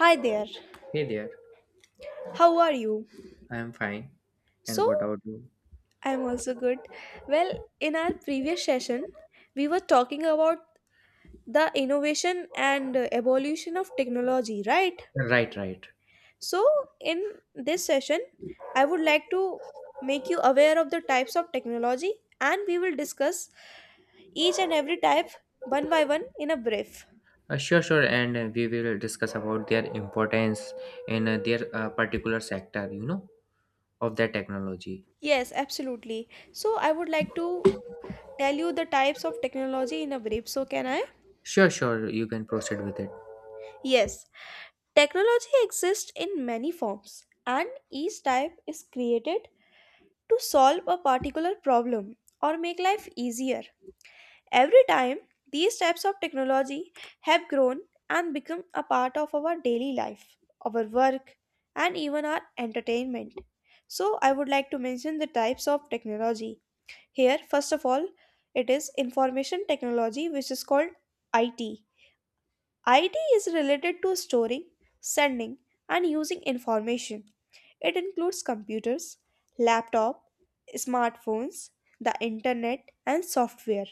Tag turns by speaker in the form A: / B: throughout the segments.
A: Hi there.
B: Hey there,
A: How are you?
B: I am fine. And
A: So,
B: what about you?
A: I'm also good. Well, in our previous session, we were talking about the innovation and evolution of technology, right?
B: Right, right.
A: So, in this session, I would like to make you aware of the types of technology and we will discuss each and every type one by one in a brief.
B: Sure, sure. And we will discuss about their importance in their particular sector, you know, of their technology.
A: Yes, absolutely. So, I would like to tell you the types of technology in a brief. So, can I?
B: Sure, sure. You can proceed with it.
A: Yes. Technology exists in many forms, and each type is created to solve a particular problem or make life easier. Every time, these types of technology have grown and become a part of our daily life, our work, and even our entertainment. So, I would like to mention the types of technology. Here, first of all, it is information technology, which is called IT. IT is related to storing, sending, and using information. It includes computers, laptop, smartphones, the internet, and software.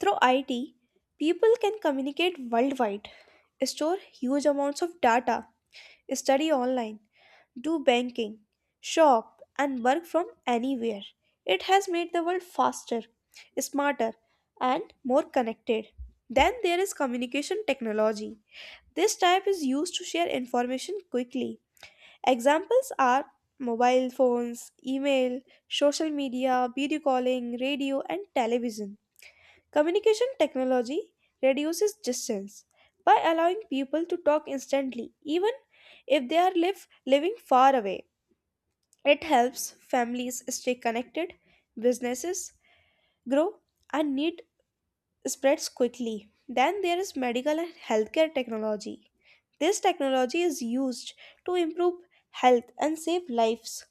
A: Through IT, people can communicate worldwide, store huge amounts of data, study online, do banking, shop, and work from anywhere. It has made the world faster, smarter, and more connected. Then there is communication technology. This type is used to share information quickly. Examples are mobile phones, email, social media, video calling, radio, and television. Communication technology reduces distance by allowing people to talk instantly, even if they are living far away. It helps families stay connected, businesses grow, and need spreads quickly. Then there is medical and healthcare technology. This technology is used to improve health and save lives.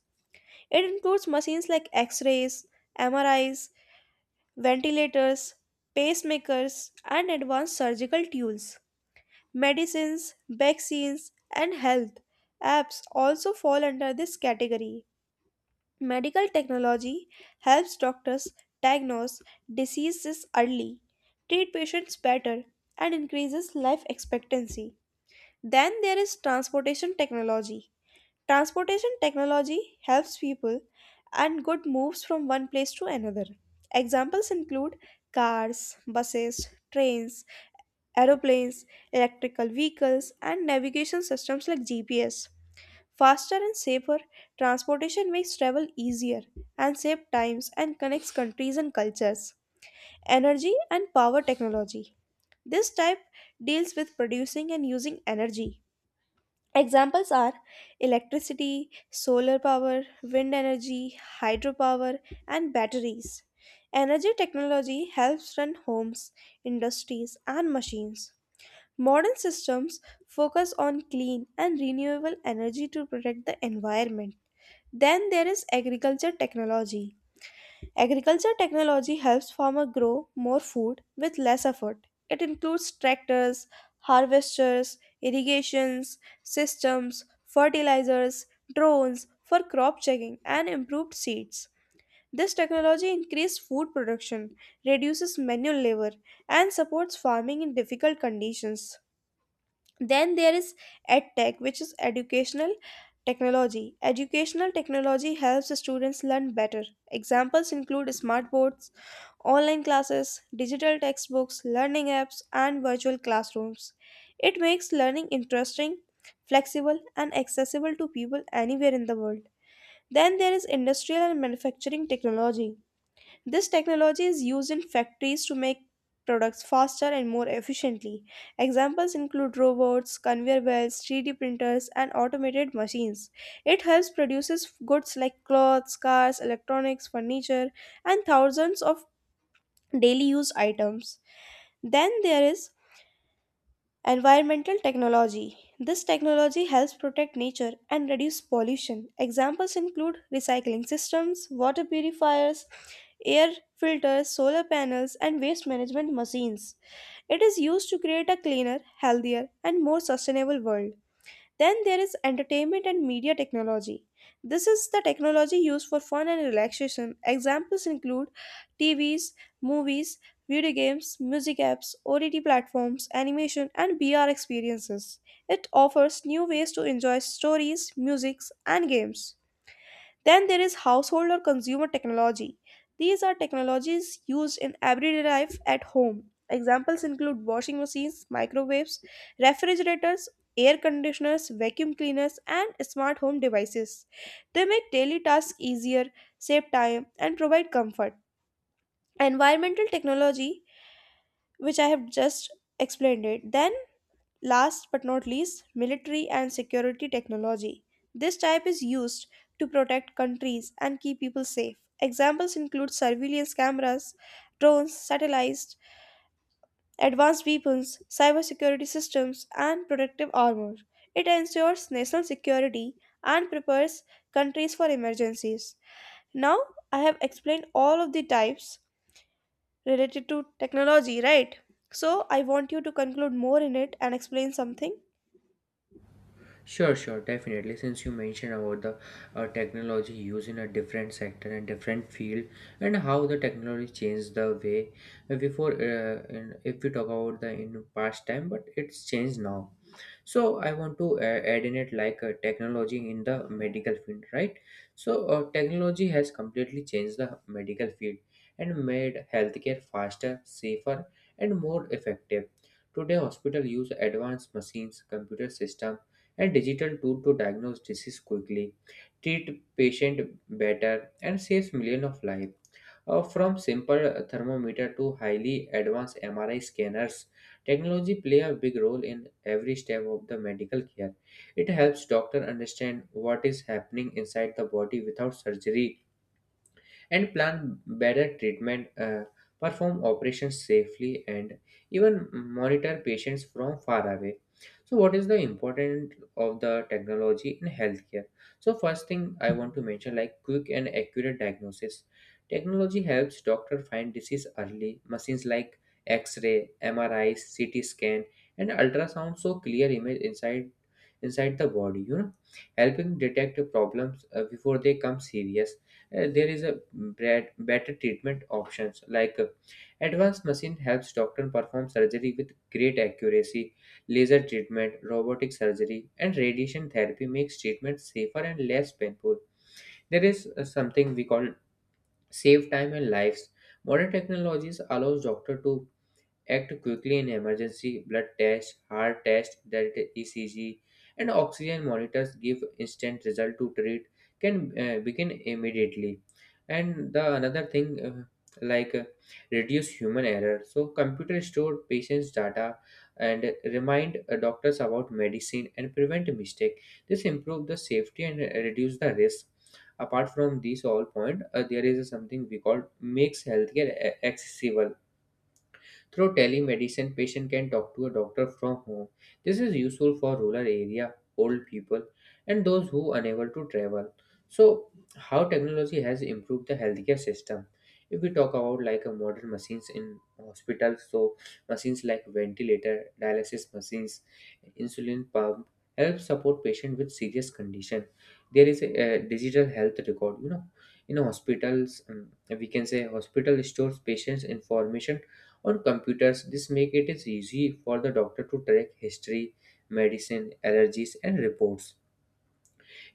A: It includes machines like x rays, MRIs, ventilators, pacemakers, and advanced surgical tools. Medicines, vaccines, and health apps also fall under this category. Medical technology helps doctors diagnose diseases early, treat patients better, and increases life expectancy. Then there is transportation technology. Transportation technology helps people and good moves from one place to another. Examples include cars, buses, trains, aeroplanes, electrical vehicles, and navigation systems like GPS. Faster and safer transportation makes travel easier and saves times and connects countries and cultures. Energy and power technology. This type deals with producing and using energy. Examples are electricity, solar power, wind energy, hydropower, and batteries. Energy technology helps run homes, industries, and machines. Modern systems focus on clean and renewable energy to protect the environment. Then there is agriculture technology. Agriculture technology helps farmers grow more food with less effort. It includes tractors, harvesters, irrigations, systems, fertilizers, drones for crop checking and improved seeds. This technology increases food production, reduces manual labor and supports farming in difficult conditions. Then there is EdTech, which is educational technology. Educational technology helps students learn better. Examples include smart boards, online classes, digital textbooks, learning apps, and virtual classrooms. It makes learning interesting, flexible, and accessible to people anywhere in the world. Then there is industrial and manufacturing technology. This technology is used in factories to make products faster and more efficiently. Examples include robots, conveyor belts, 3D printers, and automated machines. It helps produces goods like clothes, cars, electronics, furniture, and thousands of daily use items. Then there is environmental technology. This technology helps protect nature and reduce pollution. Examples include recycling systems, water purifiers, air filters, solar panels, and waste management machines. It is used to create a cleaner, healthier, and more sustainable world. Then there is entertainment and media technology. This is the technology used for fun and relaxation. Examples include TVs, movies, video games, music apps, OTT platforms, animation, and VR experiences. It offers new ways to enjoy stories, music, and games. Then there is household or consumer technology. These are technologies used in everyday life at home. Examples include washing machines, microwaves, refrigerators, air conditioners, vacuum cleaners, and smart home devices. They make daily tasks easier, save time, and provide comfort. Environmental technology, which I have just explained it, then last but not least, military and security technology. This type is used to protect countries and keep people safe. Examples include surveillance cameras, drones, satellites, advanced weapons, cybersecurity systems, and protective armor. It ensures national security and prepares countries for emergencies. Now, I have explained all of the types related to technology, right? So, I want you to conclude more in it and explain something.
B: Sure, sure, definitely. Since you mentioned about the technology used in a different sector and different field, and how the technology changed the way if we talk about the in past time, but it's changed now. So I want to add in it like technology in the medical field, right? So technology has completely changed the medical field and made healthcare faster, safer, and more effective. Today, hospital use advanced machines, computer system and digital tool to diagnose disease quickly, treat patient better, and saves millions of lives. From simple thermometer to highly advanced MRI scanners, technology play a big role in every step of the medical care. It helps doctor understand what is happening inside the body without surgery and plan better treatment, perform operations safely, and even monitor patients from far away. So, what is the importance of the technology in healthcare? So, first thing I want to mention like quick and accurate diagnosis. Technology helps doctor find disease early. Machines like X-ray, MRI, CT scan, and ultrasound show clear image inside the body. You know, helping detect problems before they come serious. There is a bad, better treatment options like advanced machine helps doctor perform surgery with great accuracy. Laser treatment, robotic surgery, and radiation therapy makes treatment safer and less painful. There is something we call save time and lives. Modern technologies allows doctor to act quickly in emergency. Blood tests, heart tests, that ECG, and oxygen monitors give instant result to treat can begin immediately. And the another thing like uh, reduce human error. So computer store patients' data and remind doctors about medicine and prevent mistake. This improve the safety and reduce the risk. Apart from these all point, there is something we call makes healthcare accessible through telemedicine. Patient can talk to a doctor from home. This is useful for rural area, old people, and those who are unable to travel. So, how technology has improved the healthcare system? If we talk about like a modern machines in hospitals, so machines like ventilator, dialysis machines, insulin pump help support patient with serious condition. There is a, digital health record. You know, in hospitals, we can say hospital stores patients' information on computers. This make it is easy for the doctor to track history, medicine, allergies, and reports.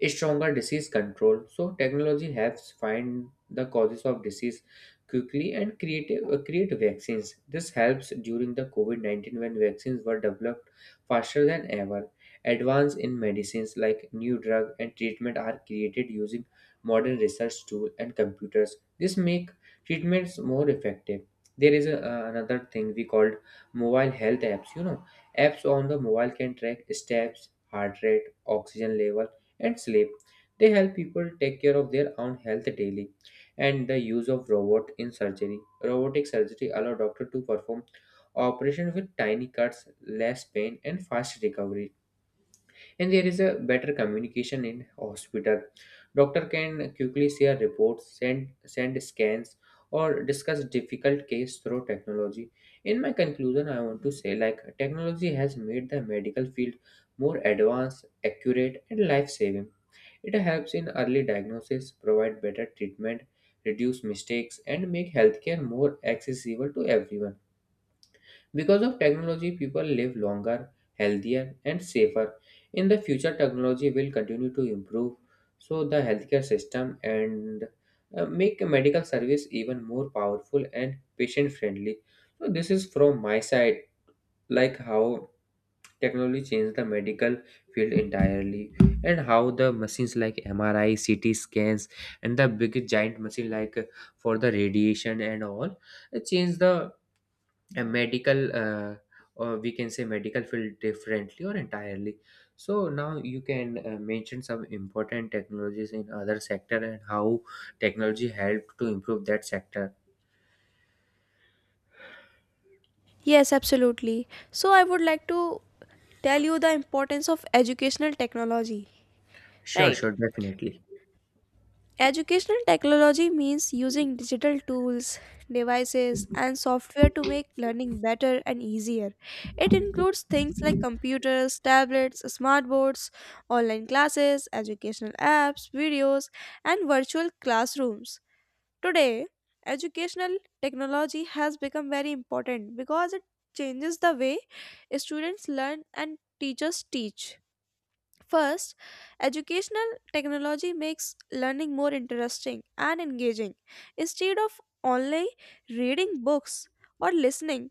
B: Stronger disease control. So technology helps find the causes of disease quickly and create create vaccines. This helps during the COVID-19 when vaccines were developed faster than ever. Advance in medicines like new drug and treatment are created using modern research tool and computers. This make treatments more effective. There is a, another thing we called mobile health apps. You know, apps on the mobile can track steps, heart rate, oxygen level, and sleep. They help people take care of their own health daily. And the use of robot in surgery. Robotic surgery allow doctor to perform operation with tiny cuts, less pain, and fast recovery. And there is a better communication in hospital. Doctor can quickly share reports, send scans, or discuss difficult case through technology. In my conclusion, I want to say like technology has made the medical field more advanced, accurate, and life saving. It helps in early diagnosis, provide better treatment, reduce mistakes, and make healthcare more accessible to everyone. Because of technology, people live longer, healthier, and safer. In the future, technology will continue to improve, so the healthcare system and make a medical service even more powerful and patient friendly. So this is from my side, like how technology changed the medical field entirely, and how the machines like MRI, CT scans, and the big giant machine like for the radiation and all, it changed the medical, or we can say medical field differently or entirely. So now you can mention some important technologies in other sector and how technology helped to improve that sector.
A: Yes, absolutely. So I would like to tell you the importance of educational technology.
B: Sure,
A: Right.
B: sure, definitely.
A: Educational technology means using digital tools, devices, and software to make learning better and easier. It includes things like computers, tablets, smartboards, online classes, educational apps, videos, and virtual classrooms. Today, educational technology has become very important because it changes the way students learn and teachers teach. First, educational technology makes learning more interesting and engaging. Instead of only reading books or listening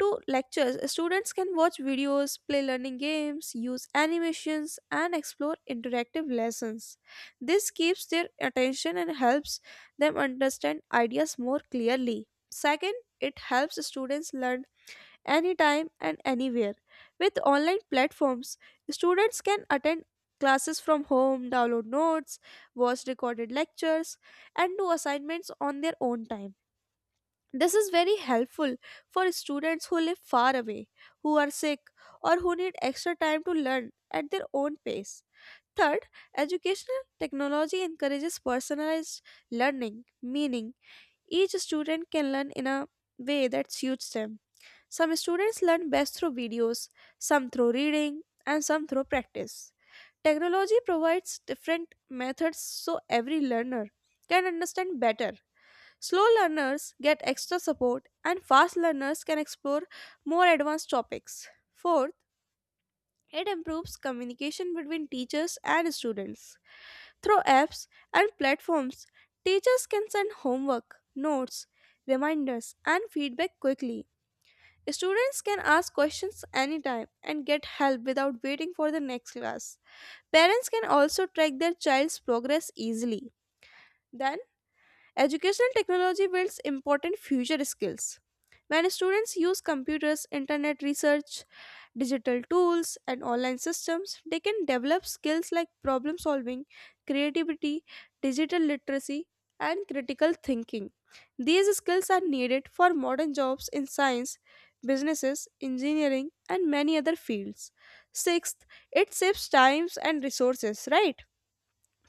A: to lectures, students can watch videos, play learning games, use animations, and explore interactive lessons. This keeps their attention and helps them understand ideas more clearly. Second, it helps students learn anytime and anywhere. With online platforms, students can attend classes from home, download notes, watch recorded lectures, and do assignments on their own time. This is very helpful for students who live far away, who are sick, or who need extra time to learn at their own pace. Third, educational technology encourages personalized learning, meaning each student can learn in a way that suits them. Some students learn best through videos, some through reading, and some through practice. Technology provides different methods so every learner can understand better. Slow learners get extra support, and fast learners can explore more advanced topics. Fourth, it improves communication between teachers and students. Through apps and platforms, teachers can send homework, notes, reminders, and feedback quickly. Students can ask questions anytime and get help without waiting for the next class. Parents can also track their child's progress easily. Then, educational technology builds important future skills. When students use computers, internet research, digital tools, and online systems, they can develop skills like problem solving, creativity, digital literacy, and critical thinking. These skills are needed for modern jobs in science, businesses, engineering, and many other fields. Sixth, it saves times and resources, right?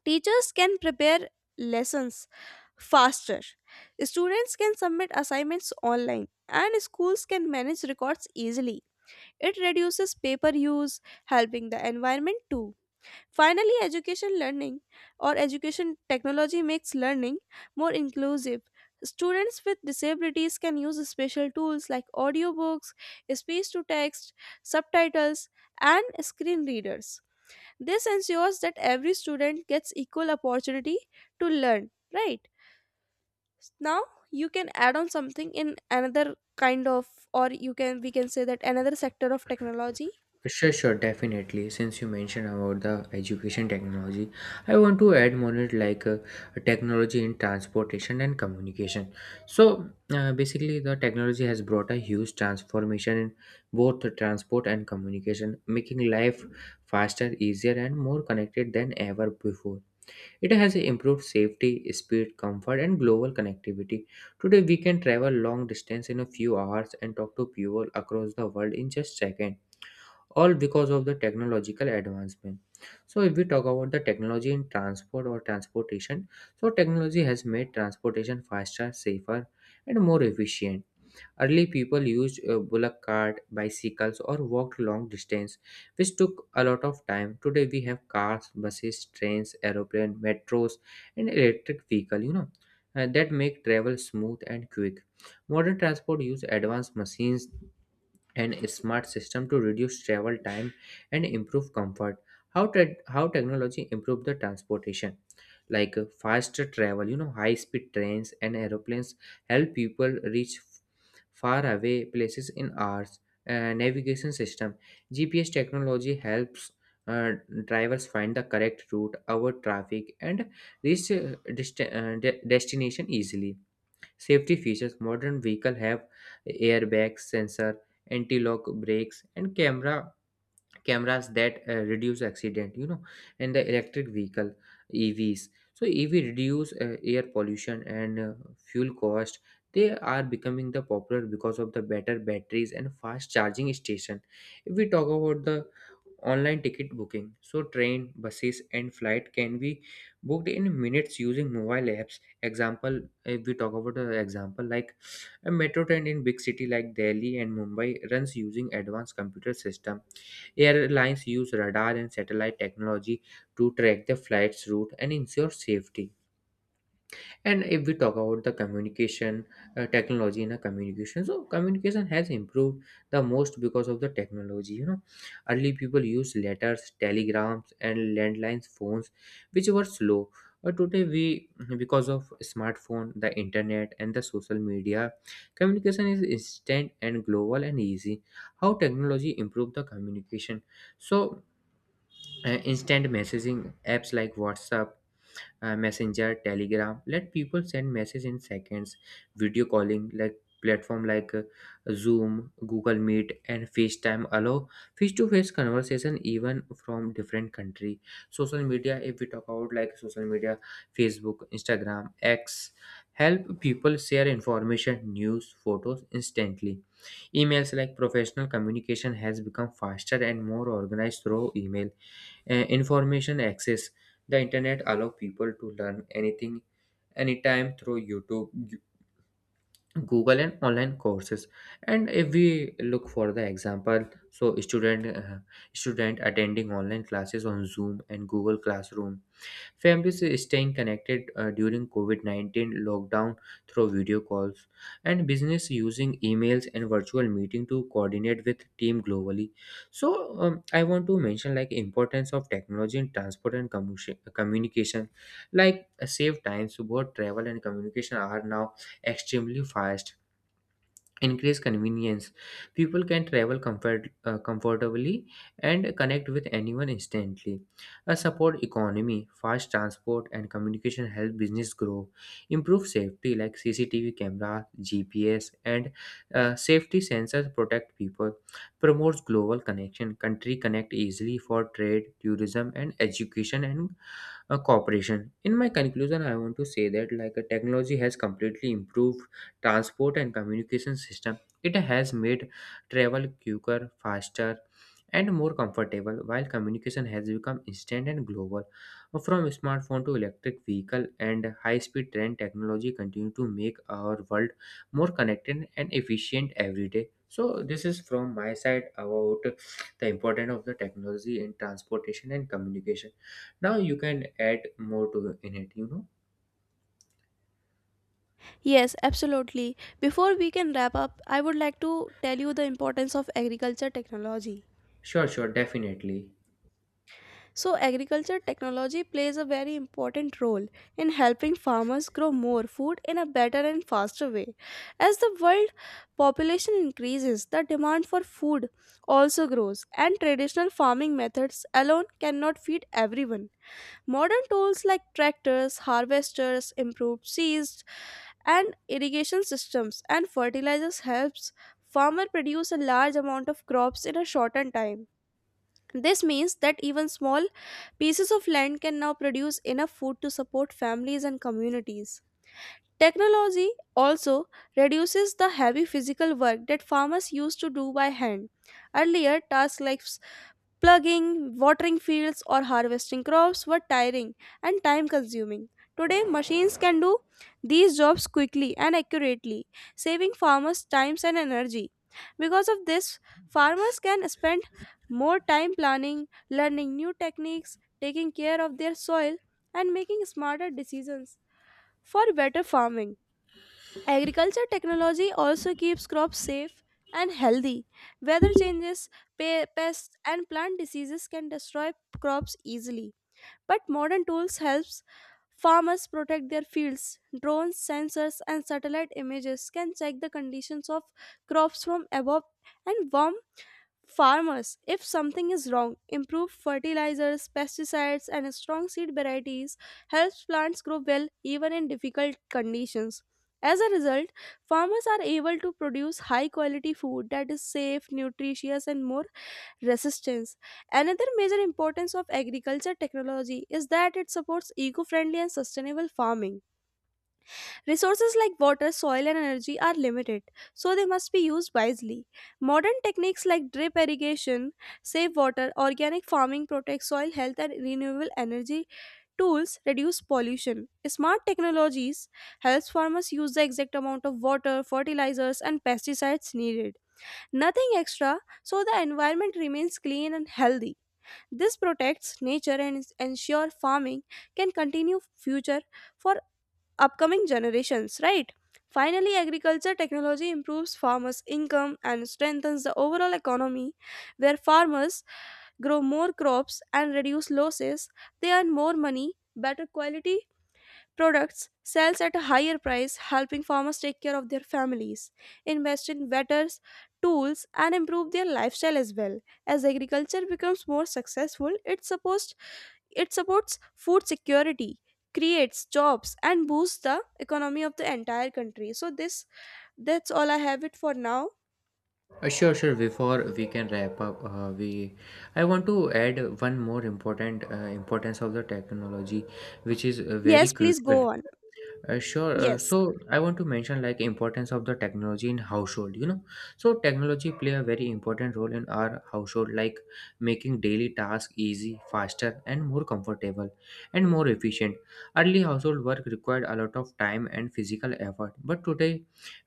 A: Teachers can prepare lessons faster. Students can submit assignments online and schools can manage records easily. It reduces paper use, helping the environment too. Finally, education learning or education technology makes learning more inclusive. Students with disabilities can use special tools like audiobooks, speech to text, subtitles, and screen readers. This ensures that every student gets equal opportunity to learn, right? Now you can add on something in another kind of, or you can, we can say that another sector of technology.
B: Sure, sure, definitely. Since you mentioned about the education technology, I want to add more it like technology in transportation and communication. So basically, the technology has brought a huge transformation in both the transport and communication, making life faster, easier, and more connected than ever before. It has improved safety, speed, comfort, and global connectivity. Today, we can travel long distance in a few hours and talk to people across the world in just seconds, all because of the technological advancement. So if we talk about the technology in transport or transportation, so technology has made transportation faster, safer, and more efficient. Early people used bullock cart, bicycles, or walked long distance, which took a lot of time. Today we have cars, buses, trains, aeroplane, metros, and electric vehicle, you know, that make travel smooth and quick. Modern transport use advanced machines and a smart system to reduce travel time and improve comfort. How technology improve the transportation? Like faster travel, you know, high speed trains and aeroplanes help people reach far away places in hours. Navigation system, GPS technology helps uh, drivers find the correct route, avoid traffic, and reach destination easily. Safety features, modern vehicles have airbags, sensor, anti-lock brakes, and cameras that reduce accident, you know. And the electric vehicle, EVs, so EV reduce air pollution and fuel cost. They are becoming the popular because of the better batteries and fast charging station. If we talk about the online ticket booking, so train, buses, and flight can be booked in minutes using mobile apps. Example, if we talk about an example like a metro train in big city like Delhi and Mumbai runs using advanced computer system. Airlines use radar and satellite technology to track the flight's route and ensure safety. And if we talk about the communication, technology in a communication, so communication has improved the most because of the technology. You know, early people used letters, telegrams, and landlines phones, which were slow. But today, we, because of smartphone, the internet, and the social media, communication is instant and global and easy. How technology improved the communication? So instant messaging apps like WhatsApp, Messenger, Telegram let people send message in seconds. Video calling like platform like Zoom, Google Meet, and FaceTime allow face-to-face conversation even from different country. Social media, if we talk about like social media, Facebook, Instagram, X, help people share information, news, photos instantly. Emails like professional communication has become faster and more organized through email. Information access. The internet allow people to learn anything, anytime through YouTube, Google, and online courses. And if we look for the example, so student attending online classes on Zoom and Google Classroom. Families are staying connected during COVID 19 lockdown through video calls, and business using emails and virtual meeting to coordinate with team globally. So I want to mention like importance of technology in transport and communication. Like save times. Both travel and communication are now extremely fast. Increase convenience, people can travel comfortably and connect with anyone instantly. A support economy, fast transport and communication help business grow. Improve safety like CCTV camera, GPS, and safety sensors protect people. Promotes global connection, country connect easily for trade, tourism, and education, and cooperation. In my conclusion, I want to say that like technology has completely improved transport and communication system. It has made travel quicker, faster, and more comfortable, while communication has become instant and global. From smartphone to electric vehicle and high-speed train, technology continue to make our world more connected and efficient every day. So this is from my side about the importance of the technology in transportation and communication. Now you can add more to in it, you know?
A: Yes, absolutely. Before we can wrap up, I would like to tell you the importance of agriculture technology.
B: Sure, sure, definitely.
A: So agriculture technology plays a very important role in helping farmers grow more food in a better and faster way. As the world population increases, the demand for food also grows, and traditional farming methods alone cannot feed everyone. Modern tools like tractors, harvesters, improved seeds, and irrigation systems and fertilizers helps farmer produce a large amount of crops in a shorter time. This means that even small pieces of land can now produce enough food to support families and communities. Technology also reduces the heavy physical work that farmers used to do by hand. Earlier, tasks like plugging, watering fields, or harvesting crops were tiring and time consuming. Today, machines can do these jobs quickly and accurately, saving farmers time and energy. Because of this, farmers can spend more time planning, learning new techniques, taking care of their soil, and making smarter decisions for better farming. Agriculture technology also keeps crops safe and healthy. Weather changes, pests, and plant diseases can destroy crops easily. But modern tools helps farmers protect their fields. Drones, sensors, and satellite images can check the conditions of crops from above, and warm farmers if something is wrong. Improve fertilizers, pesticides, and strong seed varieties helps plants grow well even in difficult conditions. As a result, farmers are able to produce high quality food that is safe, nutritious, and more resistance. Another major importance of agriculture technology is that it supports eco friendly and sustainable farming. Resources like water, soil, and energy are limited, so they must be used wisely. Modern techniques like drip irrigation save water, organic farming protects soil health, and renewable energy tools reduce pollution. Smart technologies helps farmers use the exact amount of water, fertilizers, and pesticides needed. Nothing extra, so the environment remains clean and healthy. This protects nature and ensure farming can continue future for upcoming generations, right? Finally, agriculture technology improves farmers' income and strengthens the overall economy, where farmers grow more crops and reduce losses. They earn more money, better quality products, sells at a higher price, helping farmers take care of their families, invest in better tools, and improve their lifestyle as well. As agriculture becomes more successful, it supports, it supports food security, creates jobs, and boosts the economy of the entire country. So this, that's all I have it for now.
B: Sure, sure. Before we can wrap up, we I want to add one more important importance of the technology, which is very
A: Yes, please
B: crucial.
A: go on.
B: Sure.
A: Yes.
B: So I want to mention like importance of the technology in household. You know, so technology play a very important role in our household, like making daily tasks easy, faster, and more comfortable, and more efficient. Early household work required a lot of time and physical effort, but today,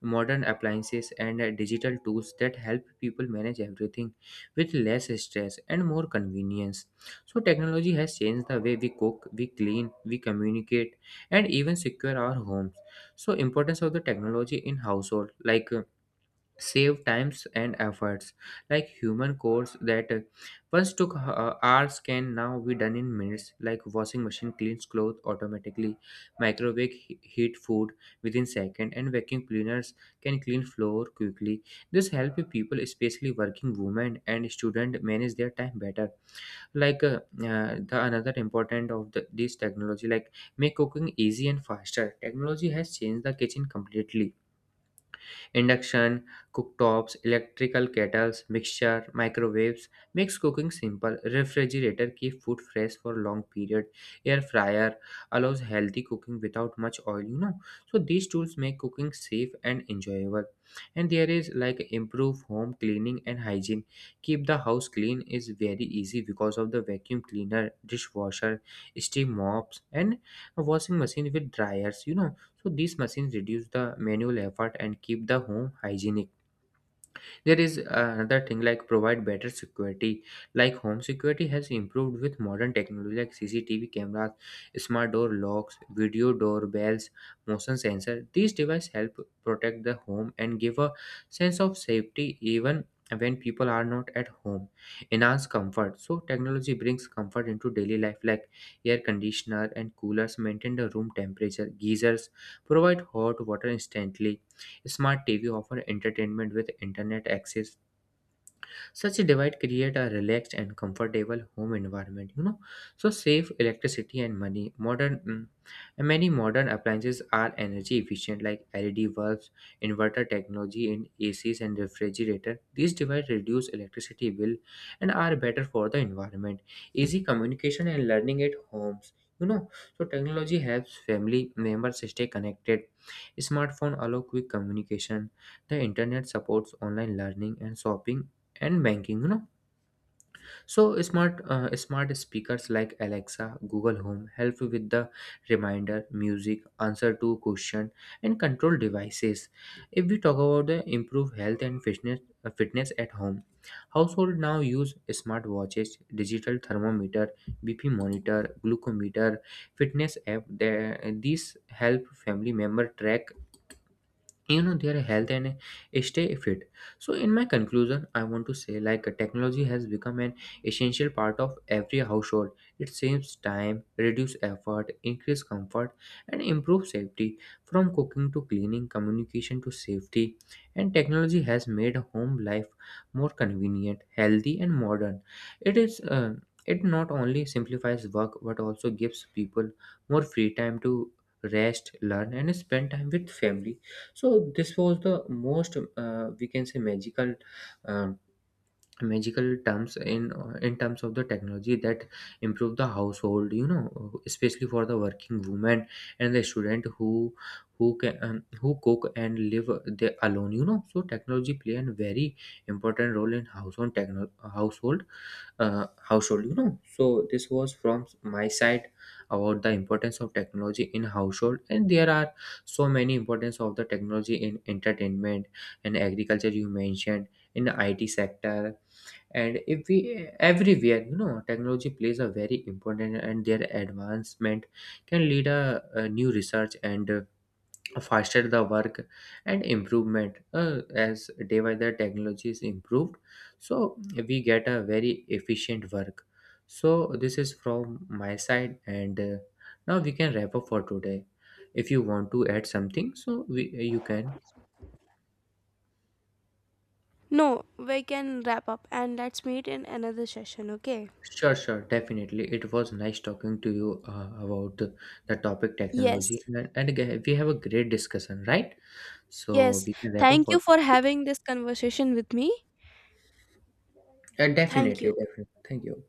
B: modern appliances and digital tools that help people manage everything with less stress and more convenience. So technology has changed the way we cook, we clean, we communicate and even secure our homes. So importance of the technology in household, like save times and efforts. Like human chores that once took hours can now be done in minutes. Like washing machine cleans clothes automatically, microwave heat food within second, and vacuum cleaners can clean floor quickly. This help people, especially working women and student, manage their time better. Like the another important of this technology, like make cooking easy and faster. Technology has changed the kitchen completely. Induction, cooktops, electrical kettles, mixture, microwaves makes cooking simple. Refrigerator keep food fresh for long period. Air fryer allows healthy cooking without much oil. So these tools make cooking safe and enjoyable. And there is like improve home cleaning and hygiene. Keep the house clean is very easy because of the vacuum cleaner, dishwasher, steam mops and a washing machine with dryers. So these machines reduce the manual effort and keep the home hygienic. There is another thing, like provide better security. Like home security has improved with modern technology, like CCTV cameras, smart door locks, video doorbells, motion sensor. These devices help protect the home and give a sense of safety even when people are not at home. Enhance comfort. So technology brings comfort into daily life, like air conditioner and coolers maintain the room temperature, geysers provide hot water instantly. Smart TV offer entertainment with internet access. Such a divide create a relaxed and comfortable home environment. So save electricity and money. And many modern appliances are energy efficient, like LED bulbs, inverter technology in ACs and refrigerator. These devices reduce electricity bill and are better for the environment. Easy communication and learning at homes. You know, so technology helps family members stay connected. Smartphone allow quick communication. The internet supports online learning and shopping and banking. So smart speakers like Alexa, Google Home help you with the reminder, music, answer to question and control devices. If we talk about the improve health and fitness, fitness at home, household now use smart watches, digital thermometer, BP monitor, glucometer, fitness app. There, these help family member track their health and stay fit. So in my conclusion, I want to say, like technology has become an essential part of every household. It saves time, reduce effort, increase comfort and improve safety. From cooking to cleaning, communication to safety, and technology has made home life more convenient, healthy and modern. It is uh, it not only simplifies work but also gives people more free time to rest, learn and spend time with family. So this was the most, we can say, magical uh, magical terms in terms of the technology that improve the household, you know, especially for the working woman and the student who can who cook and live they alone, you know. So technology play a very important role in household, household, household, you know. So this was from my side about the importance of technology in household. And there are so many importance of the technology in entertainment and agriculture you mentioned, in the IT sector, and if we everywhere, you know, technology plays a very important and their advancement can lead a new research and faster the work and improvement. As day by day technology is improved, so we get a very efficient work. So this is from my side, and now we can wrap up for today. If you want to add something, you can.
A: No, we can wrap up and let's meet in another session, okay?
B: Sure, sure, definitely. It was nice talking to you about the topic
A: Yes.
B: technology, and again, we have a great discussion, right? So
A: Yes.
B: we can wrap up
A: Thank you
B: for.
A: for having this conversation with me. Thank
B: Definitely,
A: you.
B: definitely. Thank you.